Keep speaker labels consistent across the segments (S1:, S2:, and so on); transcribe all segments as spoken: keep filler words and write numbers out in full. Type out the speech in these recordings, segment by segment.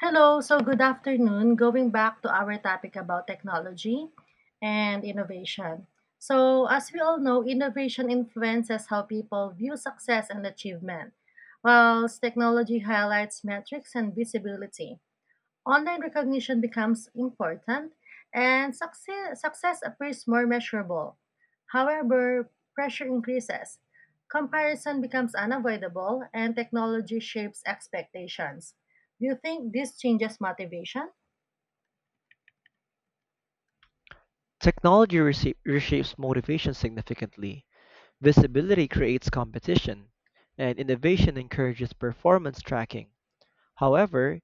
S1: Hello, so good afternoon. Going back to our topic about technology and innovation. So, as we all know, innovation influences how people view success and achievement, whilst technology highlights metrics and visibility. Online recognition becomes important and success, success appears more measurable. However, pressure increases. Comparison becomes unavoidable and technology shapes expectations. Do you think this changes motivation?
S2: Technology resha- reshapes motivation significantly, visibility creates competition, and innovation encourages performance tracking. However,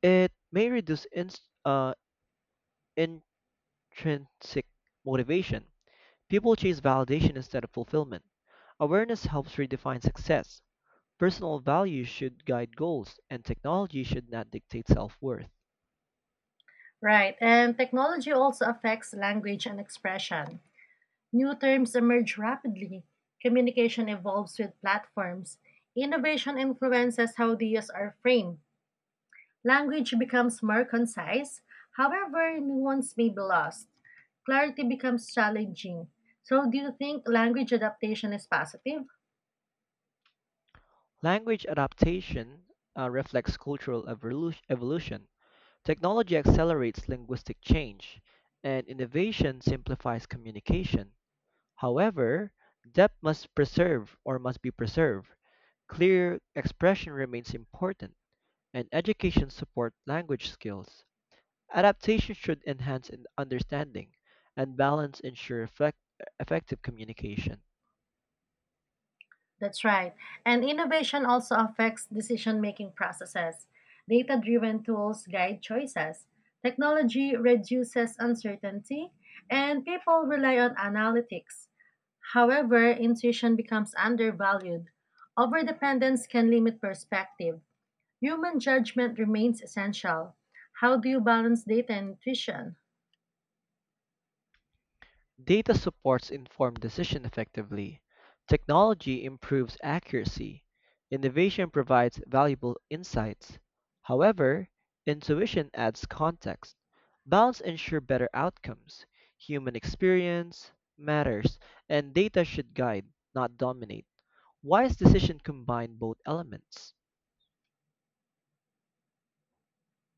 S2: it may reduce ins uh, intrinsic motivation. People chase validation instead of fulfillment. Awareness helps redefine success. Personal values should guide goals, and technology should not dictate self worth.
S1: Right, and technology also affects language and expression. New terms emerge rapidly, communication evolves with platforms, innovation influences how the ideas are framed, language becomes more concise, however, nuance may be lost. Clarity becomes challenging. So, do you think language adaptation is positive?
S2: Language adaptation uh, reflects cultural evolu- evolution. Technology accelerates linguistic change, and innovation simplifies communication. However, depth must preserve or must be preserved. Clear expression remains important, and education support language skills. Adaptation should enhance in- understanding, and balance ensure effect- effective communication.
S1: That's right. And innovation also affects decision making processes. Data driven tools guide choices. Technology reduces uncertainty, and people rely on analytics. However, intuition becomes undervalued. Overdependence can limit perspective. Human judgment remains essential. How do you balance data and intuition?
S2: Data supports informed decision effectively, technology improves accuracy, innovation provides valuable insights. However, intuition adds context. Balance ensures better outcomes. Human experience matters, and data should guide, not dominate. Wise decision combine both elements.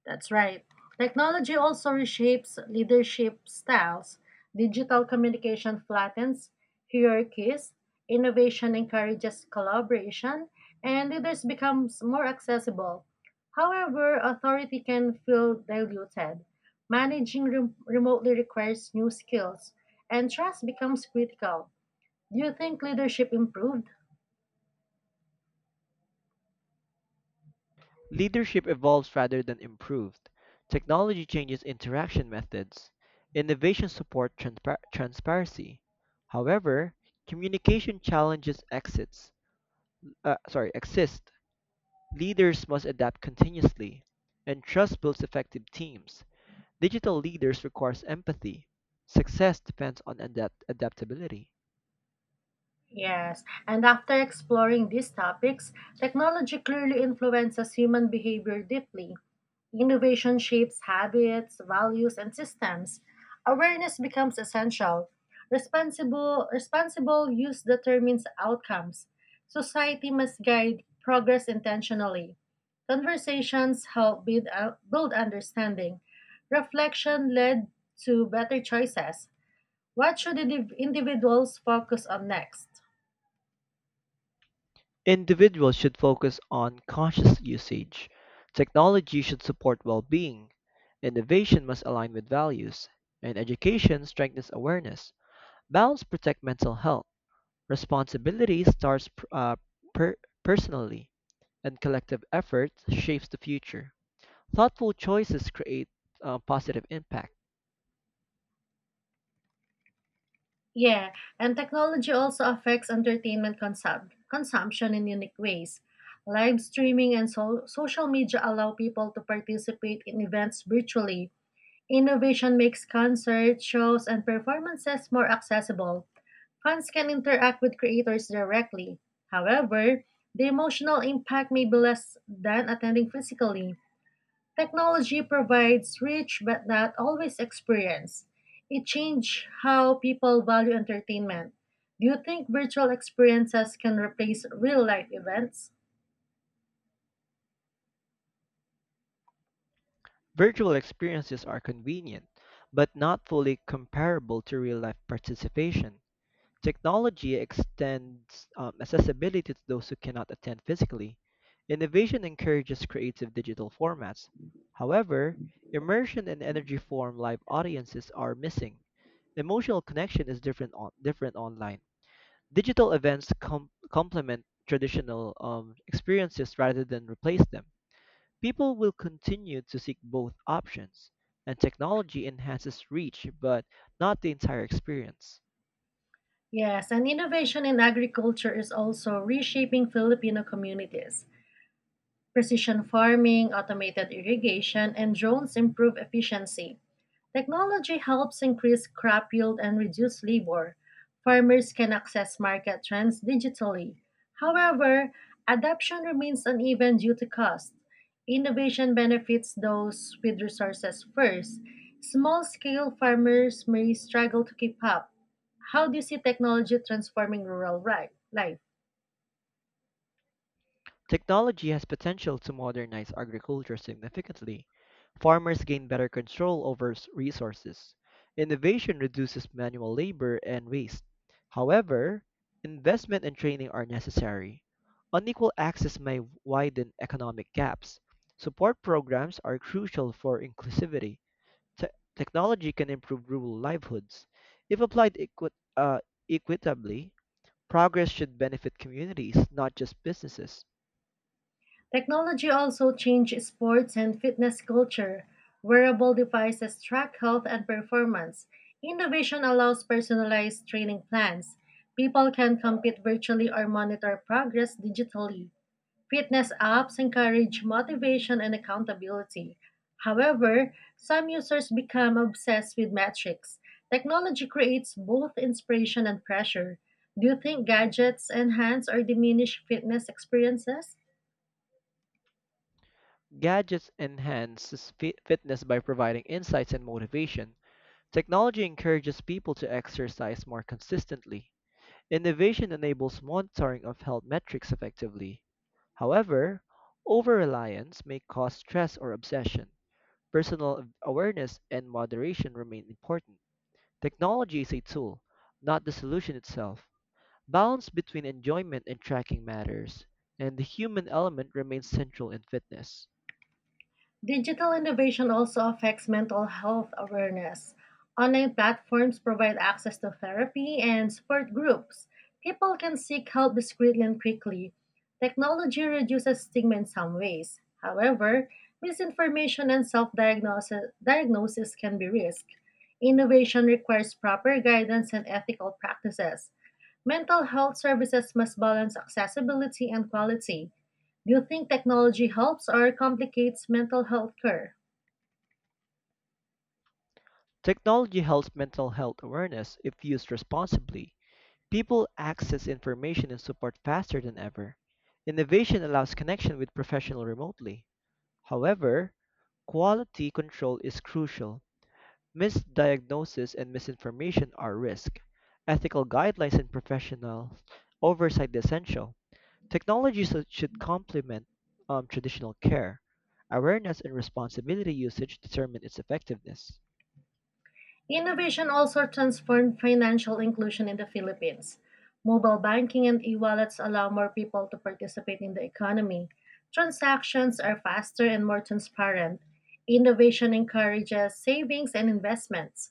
S1: That's right. Technology also reshapes leadership styles. Digital communication flattens hierarchies, innovation encourages collaboration, and leaders becomes more accessible. However, authority can feel diluted. Managing rem- remotely requires new skills, and trust becomes critical. Do you think leadership improved?
S2: Leadership evolves rather than improved. Technology changes interaction methods. Innovation support transpar- transparency. However, communication challenges exits. Uh, sorry, exist. Leaders must adapt continuously, and trust builds effective teams. Digital leaders requires empathy. Success depends on adapt- adaptability.
S1: Yes, and after exploring these topics, technology clearly influences human behavior deeply. Innovation shapes habits, values, and systems. Awareness becomes essential. Responsible, responsible use determines outcomes. Society must guide progress intentionally. Conversations help build, uh, build understanding. Reflection led to better choices. What should indiv- individuals focus on next?
S2: Individuals should focus on conscious usage. Technology should support well being. Innovation must align with values. And education strengthens awareness. Balance protects mental health. Responsibility starts uh, per- personally, and collective effort shapes the future. Thoughtful choices create uh, positive impact.
S1: Yeah, and technology also affects entertainment consum- consumption in unique ways. Live streaming and so- social media allow people to participate in events virtually. Innovation makes concerts, shows, and performances more accessible. Fans can interact with creators directly. However, the emotional impact may be less than attending physically. Technology provides rich but not always experience. It changed how people value entertainment. Do you think virtual experiences can replace real life events?
S2: Virtual experiences are convenient, but not fully comparable to real life participation. Technology extends um, accessibility to those who cannot attend physically. Innovation encourages creative digital formats. However, immersion and energy form live audiences are missing. Emotional connection is different on, different online. Digital events com- complement traditional um, experiences rather than replace them. People will continue to seek both options, and technology enhances reach but not the entire experience.
S1: Yes, and innovation in agriculture is also reshaping Filipino communities. Precision farming, automated irrigation, and drones improve efficiency. Technology helps increase crop yield and reduce labor. Farmers can access market trends digitally. However, adoption remains uneven due to cost. Innovation benefits those with resources first. Small scale farmers may struggle to keep up. How do you see technology transforming rural ri- life?
S2: Technology has potential to modernize agriculture significantly. Farmers gain better control over s- resources. Innovation reduces manual labor and waste. However, investment and training are necessary. Unequal access may widen economic gaps. Support programs are crucial for inclusivity. Te- technology can improve rural livelihoods if applied equi- uh, equitably. Progress should benefit communities, not just businesses.
S1: Technology also changed sports and fitness culture. Wearable devices track health and performance. Innovation allows personalized training plans. People can compete virtually or monitor progress digitally. Fitness apps encourage motivation and accountability. However, some users become obsessed with metrics. Technology creates both inspiration and pressure. Do you think gadgets enhance or diminish fitness experiences?
S2: Gadgets enhance fi- fitness by providing insights and motivation. Technology encourages people to exercise more consistently. Innovation enables monitoring of health metrics effectively. However, over-reliance may cause stress or obsession. Personal awareness and moderation remain important. Technology is a tool, not the solution itself. Balance between enjoyment and tracking matters, and the human element remains central in fitness.
S1: Digital innovation also affects mental health awareness. Online platforms provide access to therapy and support groups. People can seek help discreetly and quickly. Technology reduces stigma in some ways. However, misinformation and self diagnosis can be risked. Innovation requires proper guidance and ethical practices. Mental health services must balance accessibility and quality. Do you think technology helps or complicates mental health care?
S2: Technology helps mental health awareness if used responsibly. People access information and support faster than ever. Innovation allows connection with professionals remotely. However, quality control is crucial. Misdiagnosis and misinformation are risk. Ethical guidelines and professional oversight essential. Technology should should complement um, traditional care. Awareness and responsibility usage determine its effectiveness.
S1: Innovation also transformed financial inclusion in the Philippines. Mobile banking and e wallets allow more people to participate in the economy. Transactions are faster and more transparent. Innovation encourages savings and investments.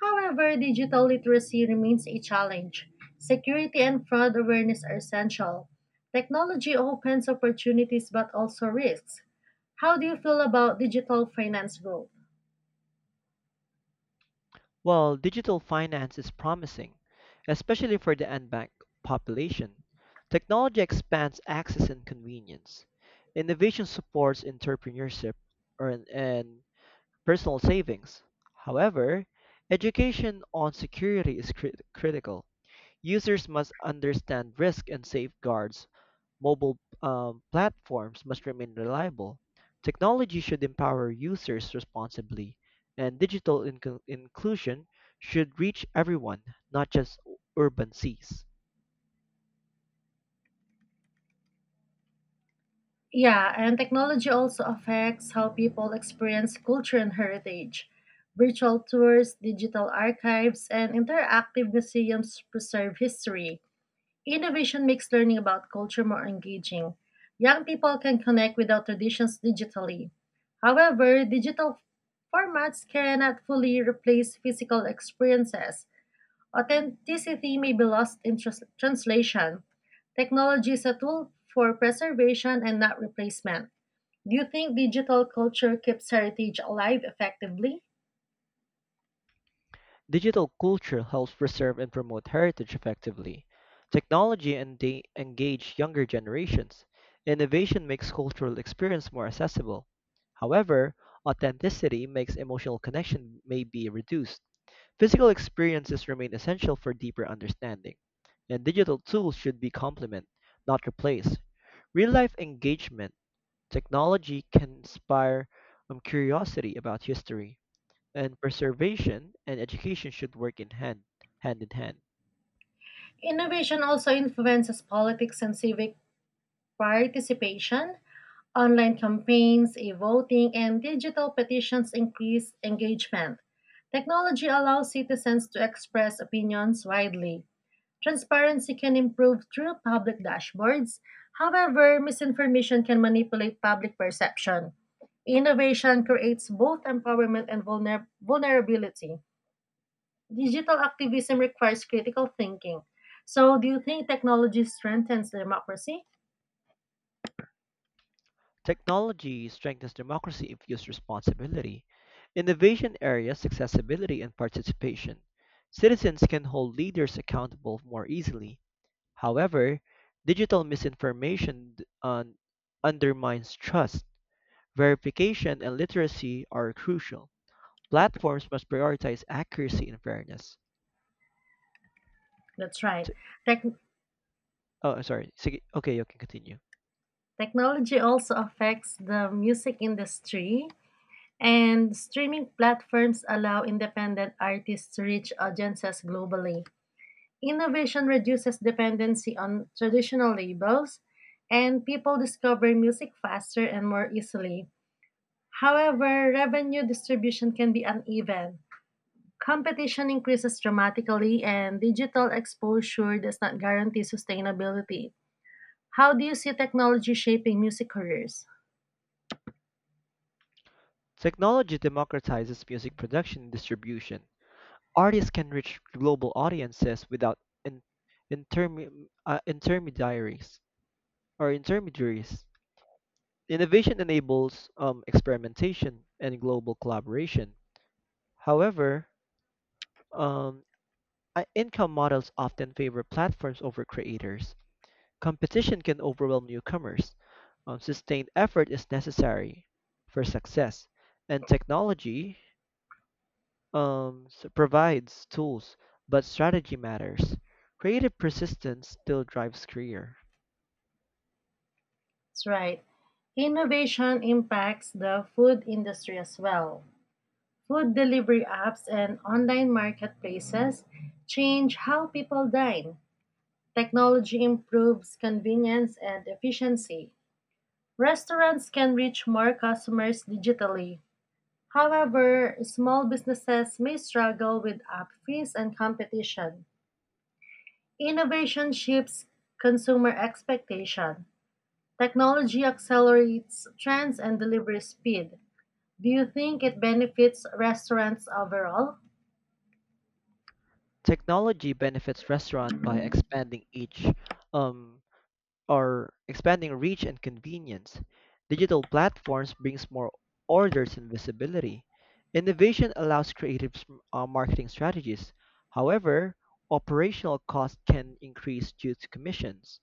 S1: However, digital literacy remains a challenge. Security and fraud awareness are essential. Technology opens opportunities but also risks. How do you feel about digital finance growth?
S2: While digital finance is promising, especially for the unbanked population, technology expands access and convenience. Innovation supports entrepreneurship or, and personal savings. However, education on security is crit- critical. Users must understand risk and safeguards mobile um, platforms must remain reliable. Technology should empower users responsibly, and digital inclu- inclusion should reach everyone, not just u- urban seas.
S1: Yeah, and technology also affects how people experience culture and heritage. Virtual tours, digital archives, and interactive museums preserve history. Innovation makes learning about culture more engaging. Young people can connect with our traditions digitally. However, digital formats cannot fully replace physical experiences. Authenticity may be lost in trans- translation. Technology is a tool for preservation and not replacement. Do you think digital culture keeps heritage alive effectively?
S2: Digital culture helps preserve and promote heritage effectively. Technology and de- engage younger generations. Innovation makes cultural experience more accessible. However, authenticity makes emotional connection may be reduced. Physical experiences remain essential for deeper understanding, and digital tools should be complement, not replace. Real life engagement, technology can inspire um, curiosity about history, and preservation and education should work in hand, hand in hand.
S1: Innovation also influences politics and civic participation. Online campaigns, e voting, and digital petitions increase engagement. Technology allows citizens to express opinions widely. Transparency can improve through public dashboards. However, misinformation can manipulate public perception. Innovation creates both empowerment and vulner- vulnerability. Digital activism requires critical thinking. So, do you think technology strengthens democracy?
S2: Technology strengthens democracy if used responsibly. Innovation areas accessibility and participation. Citizens can hold leaders accountable more easily. However, digital misinformation d- un- undermines trust. Verification and literacy are crucial. Platforms must prioritize accuracy and fairness.
S1: That's right.
S2: T-
S1: Tech
S2: oh, sorry. sig- Okay, you can continue.
S1: Technology also affects the music industry, and streaming platforms allow independent artists to reach audiences globally. Innovation reduces dependency on traditional labels, and people discover music faster and more easily. However, revenue distribution can be uneven. Competition increases dramatically, and digital exposure does not guarantee sustainability. How do you see technology shaping music careers?
S2: Technology democratizes music production and distribution. Artists can reach global audiences without in- intermi- uh, intermediaries or intermediaries. Innovation enables um, experimentation and global collaboration. However, Um, I- income models often favor platforms over creators. Competition can overwhelm newcomers. Um, sustained effort is necessary for success, and technology um, s- provides tools, but strategy matters. Creative persistence still drives career.
S1: That's right. Innovation impacts the food industry as well. Food delivery apps and online marketplaces change how people dine. Technology improves convenience and efficiency. Restaurants can reach more customers digitally. However, small businesses may struggle with app fees and competition. Innovation shifts consumer expectation. Technology accelerates trends and delivery speed. Do you think it benefits restaurants overall?
S2: Technology benefits restaurant by expanding each um, are expanding reach and convenience. Digital platforms brings more orders and visibility. Innovation allows creative s- uh, marketing strategies. However, operational costs can increase due to commissions.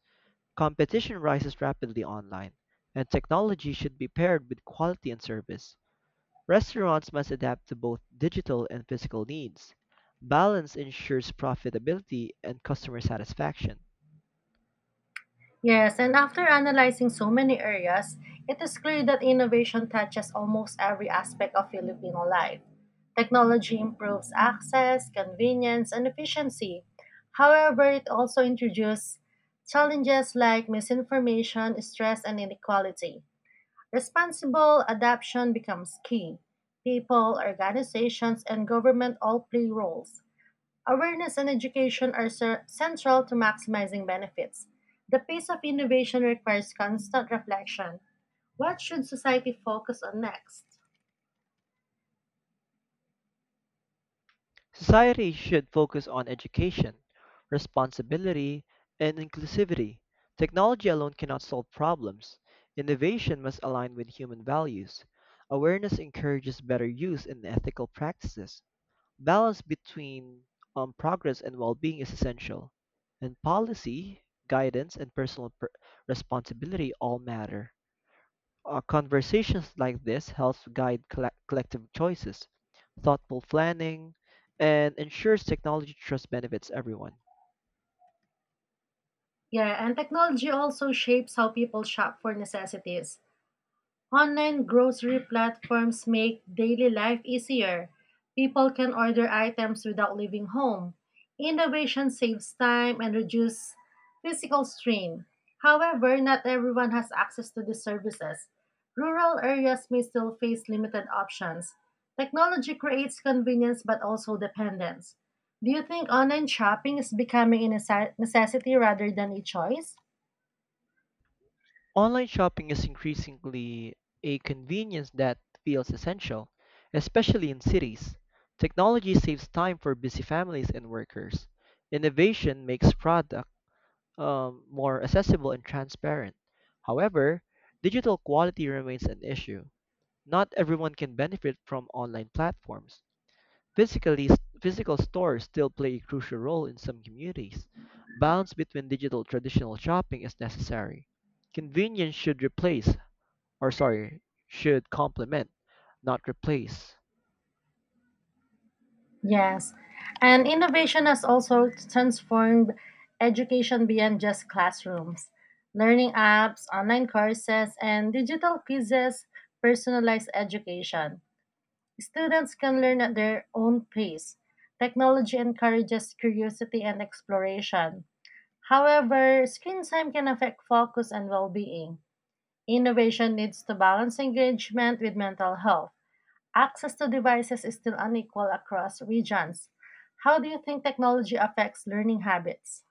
S2: Competition rises rapidly online, and technology should be paired with quality and service. Restaurants must adapt to both digital and physical needs. Balance ensures profitability and customer satisfaction.
S1: Yes, and after analyzing so many areas, it is clear that innovation touches almost every aspect of Filipino life. Technology improves access, convenience, and efficiency. However, it also introduces challenges like misinformation, stress, and inequality. Responsible adaptation becomes key. People, organizations, and government all play roles. Awareness and education are cer- central to maximizing benefits. The pace of innovation requires constant reflection. What should society focus on next?
S2: Society should focus on education, responsibility, and inclusivity. Technology alone cannot solve problems. Innovation must align with human values. Awareness encourages better use and ethical practices. Balance between um, progress and well being is essential. And policy, guidance, and personal per- responsibility all matter. Uh, conversations like this helps guide colle- collective choices, thoughtful planning, and ensures technology trust benefits everyone.
S1: Yeah, and technology also shapes how people shop for necessities. Online grocery platforms make daily life easier. People can order items without leaving home. Innovation saves time and reduces physical strain. However, not everyone has access to these services. Rural areas may still face limited options. Technology creates convenience but also dependence. Do you think online shopping is becoming a necess- necessity rather than a choice?
S2: Online shopping is increasingly a convenience that feels essential, especially in cities. Technology saves time for busy families and workers. Innovation makes product um, more accessible and transparent. However, digital quality remains an issue. Not everyone can benefit from online platforms Physically, physical stores still play a crucial role in some communities. Balance between digital traditional shopping is necessary. Convenience should replace, or sorry, should complement, not replace.
S1: Yes. And innovation has also transformed education beyond just classrooms. Learning apps, online courses, and digital quizzes personalize education. Students can learn at their own pace. Technology encourages curiosity and exploration. However, screen time can affect focus and well being. Innovation needs to balance engagement with mental health. Access to devices is still unequal across regions. How do you think technology affects learning habits?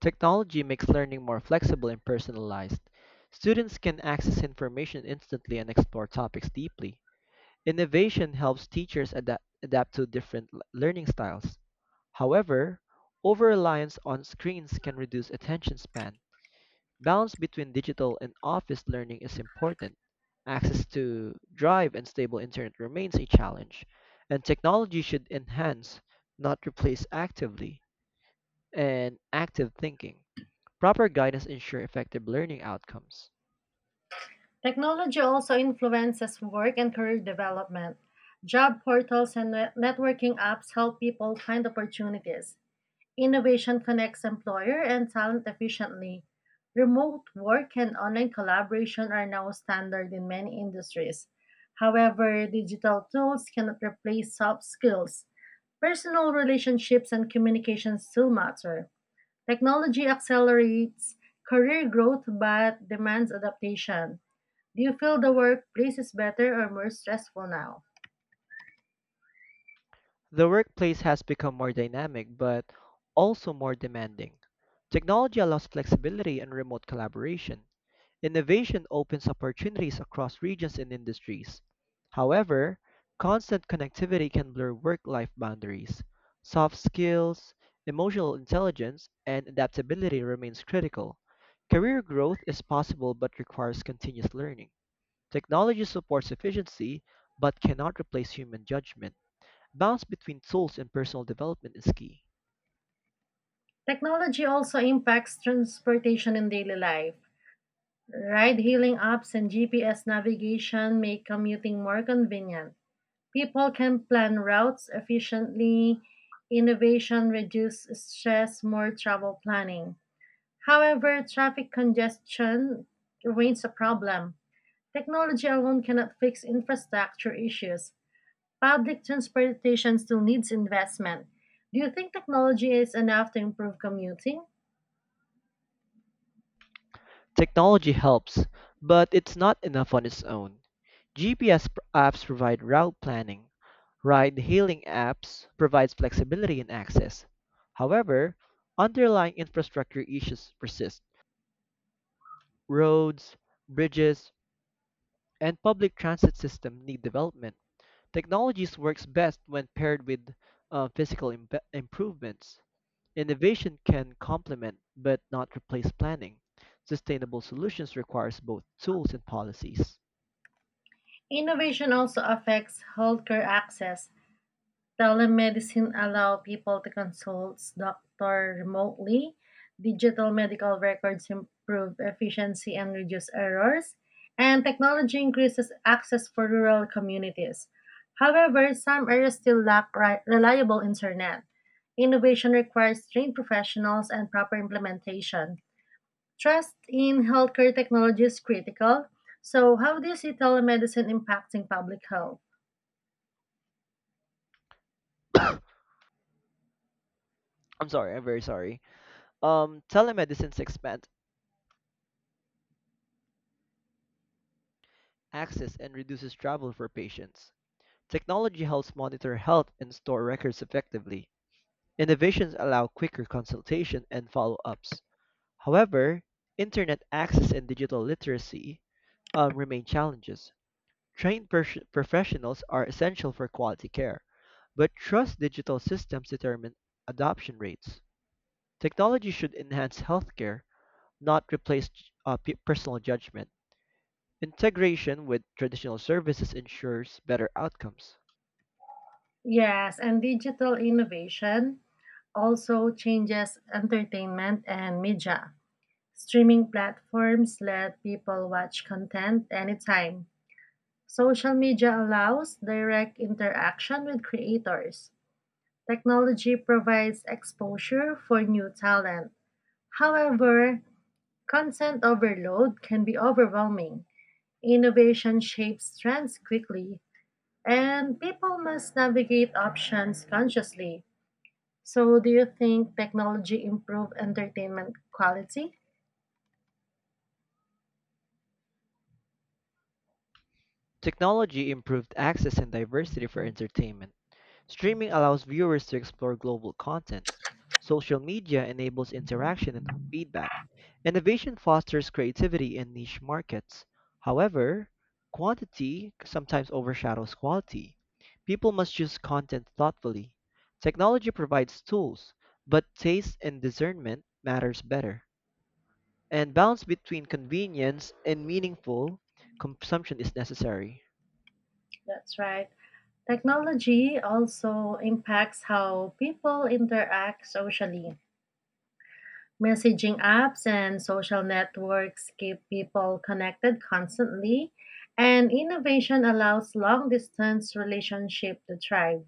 S2: Technology makes learning more flexible and personalized. Students can access information instantly and explore topics deeply. Innovation helps teachers adapt, adapt to different l- learning styles. However, over reliance on screens can reduce attention span. Balance between digital and office learning is important. Access to drive and stable internet remains a challenge, and technology should enhance, not replace actively and active thinking. Proper guidance ensure effective learning outcomes.
S1: Technology also influences work and career development. Job portals and net- networking apps help people find opportunities. Innovation connects employer and talent efficiently. Remote work and online collaboration are now standard in many industries. However, digital tools cannot replace soft skills. Personal relationships and communication still matter. Technology accelerates career growth but demands adaptation. Do you feel the workplace is better or more stressful now?
S2: The workplace has become more dynamic but also more demanding. Technology allows flexibility and remote collaboration. Innovation opens opportunities across regions and industries. However, constant connectivity can blur work-life boundaries. Soft skills, emotional intelligence, and adaptability remains critical. Career growth is possible but requires continuous learning. Technology supports efficiency but cannot replace human judgment. Balance between tools and personal development is key.
S1: Technology also impacts transportation in daily life. Ride hailing apps and G P S navigation make commuting more convenient. People can plan routes efficiently, innovation reduce stress, more travel planning. However, traffic congestion remains a problem. Technology alone cannot fix infrastructure issues. Public transportation still needs investment. Do you think technology is enough to improve commuting?
S2: Technology helps, but it's not enough on its own. G P S pr- apps provide route planning, ride hailing apps provides flexibility and access. However, underlying infrastructure issues persist. Roads, bridges, and public transit system need development. Technologies works best when paired with uh, physical imbe- improvements. Innovation can complement but not replace planning. Sustainable solutions requires both tools and policies.
S1: Innovation also affects healthcare access. Telemedicine allow people to consult doctor remotely. Digital medical records improve efficiency and reduce errors. And technology increases access for rural communities. However, some areas still lack ri- reliable internet. Innovation requires trained professionals and proper implementation. Trust in healthcare technology is critical. So, how do you see telemedicine impacting public health?
S2: I'm sorry, I'm very sorry. Um, telemedicine expands access and reduces travel for patients. Technology helps monitor health and store records effectively. Innovations allow quicker consultation and follow ups. However, internet access and digital literacy um, remain challenges. Trained pers- professionals are essential for quality care, but trust digital systems determine adoption rates. Technology should enhance healthcare, not replace uh, pe- personal judgment. Integration with traditional services ensures better outcomes.
S1: Yes, and digital innovation also changes entertainment and media. Streaming platforms let people watch content anytime. Social media allows direct interaction with creators. Technology provides exposure for new talent. However, content overload can be overwhelming. Innovation shapes trends quickly, and people must navigate options consciously. So, do you think technology improve entertainment quality?
S2: Technology improved access and diversity for entertainment. Streaming allows viewers to explore global content. Social media enables interaction and feedback. Innovation fosters creativity in niche markets. However, quantity sometimes overshadows quality. People must choose content thoughtfully. Technology provides tools, but taste and discernment matters better, and balance between convenience and meaningful consumption is necessary.
S1: That's right. Technology also impacts how people interact socially. Messaging apps and social networks keep people connected constantly, and innovation allows long distance relationship to thrive.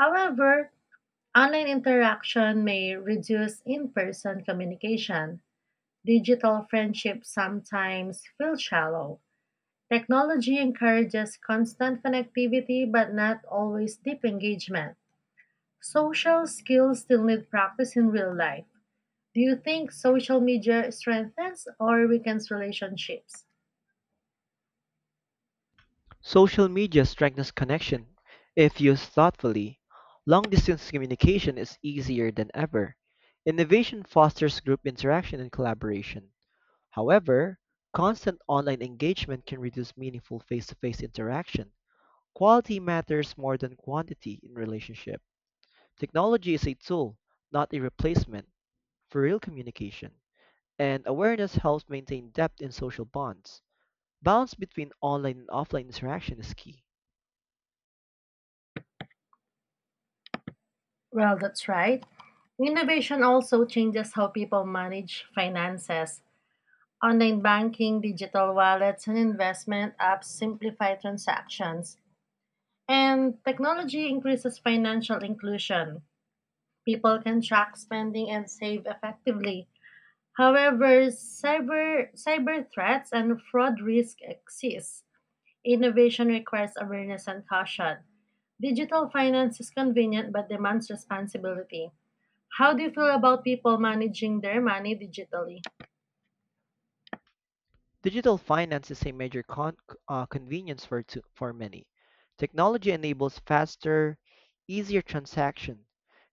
S1: However, online interaction may reduce in person communication. Digital friendships sometimes feel shallow. Technology encourages constant connectivity but not always deep engagement. Social skills still need practice in real life. Do you think social media strengthens or weakens relationships?
S2: Social media strengthens connection if used thoughtfully. Long distance communication is easier than ever. Innovation fosters group interaction and collaboration. However, constant online engagement can reduce meaningful face to face interaction. Quality matters more than quantity in relationship. Technology is a tool, not a replacement for real communication, and awareness helps maintain depth in social bonds. Balance between online and offline interaction is key.
S1: Well, that's right. Innovation also changes how people manage finances. Online banking, digital wallets, and investment apps simplify transactions. And technology increases financial inclusion. People can track spending and save effectively. However, cyber, cyber threats and fraud risk exist. Innovation requires awareness and caution. Digital finance is convenient but demands responsibility. How do you feel about people managing their money digitally?
S2: Digital finance is a major con- uh, convenience for, to- for many. Technology enables faster, easier transaction.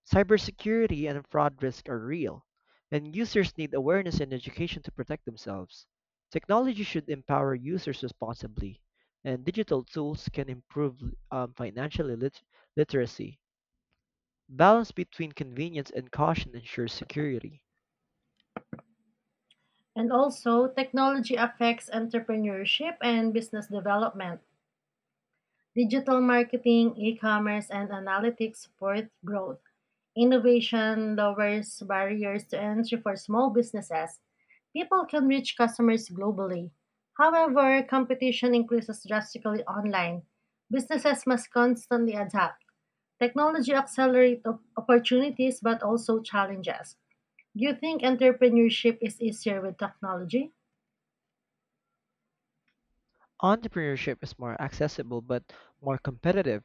S2: Cybersecurity and fraud risk are real, and users need awareness and education to protect themselves. Technology should empower users responsibly, and digital tools can improve um, financial lit- literacy. Balance between convenience and caution ensures security.
S1: And also, technology affects entrepreneurship and business development. Digital marketing, e-commerce, and analytics support growth. Innovation lowers barriers to entry for small businesses. People can reach customers globally. However, competition increases drastically online. Businesses must constantly adapt. Technology accelerates op- opportunities but also challenges. Do you think entrepreneurship is easier with technology?
S2: Entrepreneurship is more accessible but more competitive.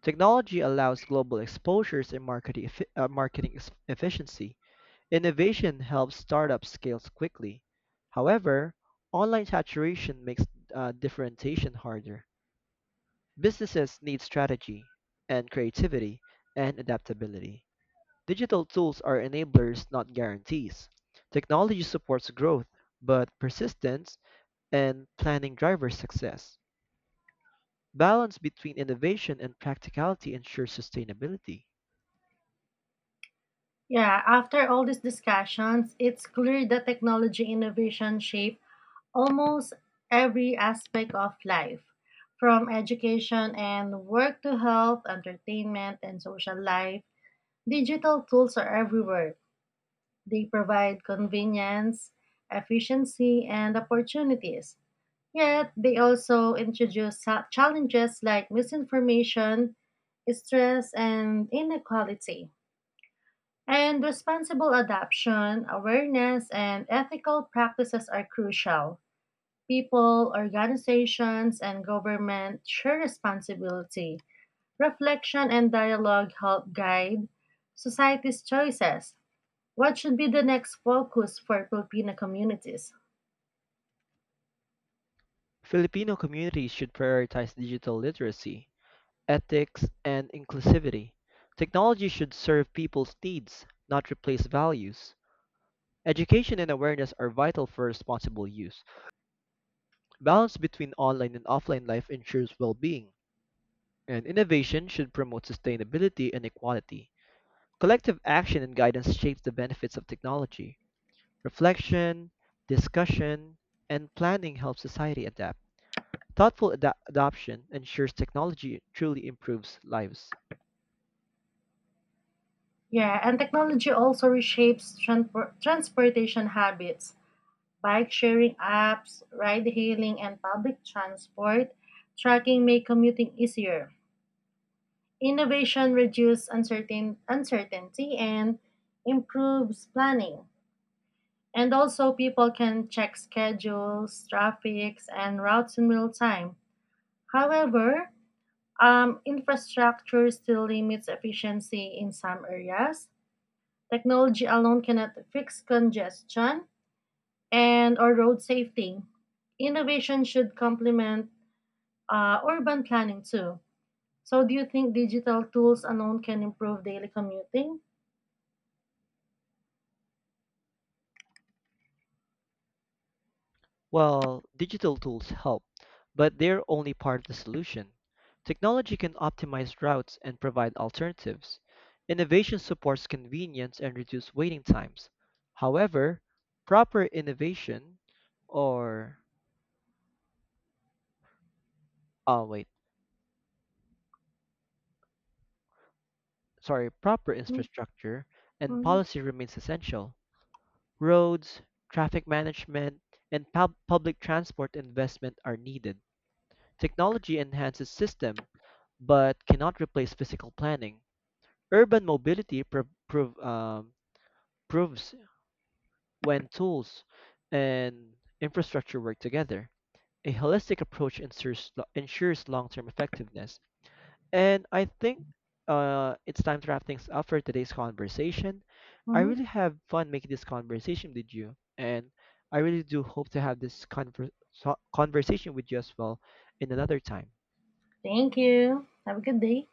S2: Technology allows global exposures and marketing, effi- uh, marketing ex- efficiency. Innovation helps startups scale quickly. However, online saturation makes uh, differentiation harder. Businesses need strategy and creativity and adaptability. Digital tools are enablers, not guarantees. Technology supports growth, but persistence and planning drives success. Balance between innovation and practicality ensures sustainability.
S1: Yeah, after all these discussions, it's clear that technology innovation shapes almost every aspect of life, from education and work to health, entertainment, and social life. Digital tools are everywhere. They provide convenience, efficiency, and opportunities. Yet, they also introduce cha- challenges like misinformation, stress, and inequality. And responsible adoption, awareness, and ethical practices are crucial. People, organizations, and government share responsibility. Reflection and dialogue help guide society's choices. What should be the next focus for Filipino communities?
S2: Filipino communities should prioritize digital literacy, ethics, and inclusivity. Technology should serve people's needs, not replace values. Education and awareness are vital for responsible use. Balance between online and offline life ensures well being. And innovation should promote sustainability and equality. Collective action and guidance shapes the benefits of technology. Reflection, discussion, and planning help society adapt. Thoughtful ada- adoption ensures technology truly improves lives.
S1: Yeah, and technology also reshapes transpor- transportation habits. Bike sharing apps, ride hailing, and public transport tracking make commuting easier. Innovation reduces uncertain- uncertainty and improves planning. And also, people can check schedules, traffics, and routes in real time. However, um, infrastructure still limits efficiency in some areas. Technology alone cannot fix congestion and or road safety. Innovation should complement uh, urban planning too. So, do you think digital tools alone can improve daily commuting?
S2: Well, digital tools help, but they're only part of the solution. Technology can optimize routes and provide alternatives. Innovation supports convenience and reduces waiting times. However, proper innovation or oh wait, sorry, proper infrastructure and
S1: Mhm,
S2: policy remains essential. Roads, traffic management, and pub- public transport investment are needed. Technology enhances system but cannot replace physical planning. Urban mobility pro- prov- um, proves when tools and infrastructure work together. A holistic approach ensures, lo- ensures long term effectiveness. And I think uh, it's time to wrap things up for today's conversation. I
S1: mhm.
S2: really have fun making this conversation with you, and I really do hope to have this conver- so- conversation with you as well in another time.
S1: Thank you. Have a good day.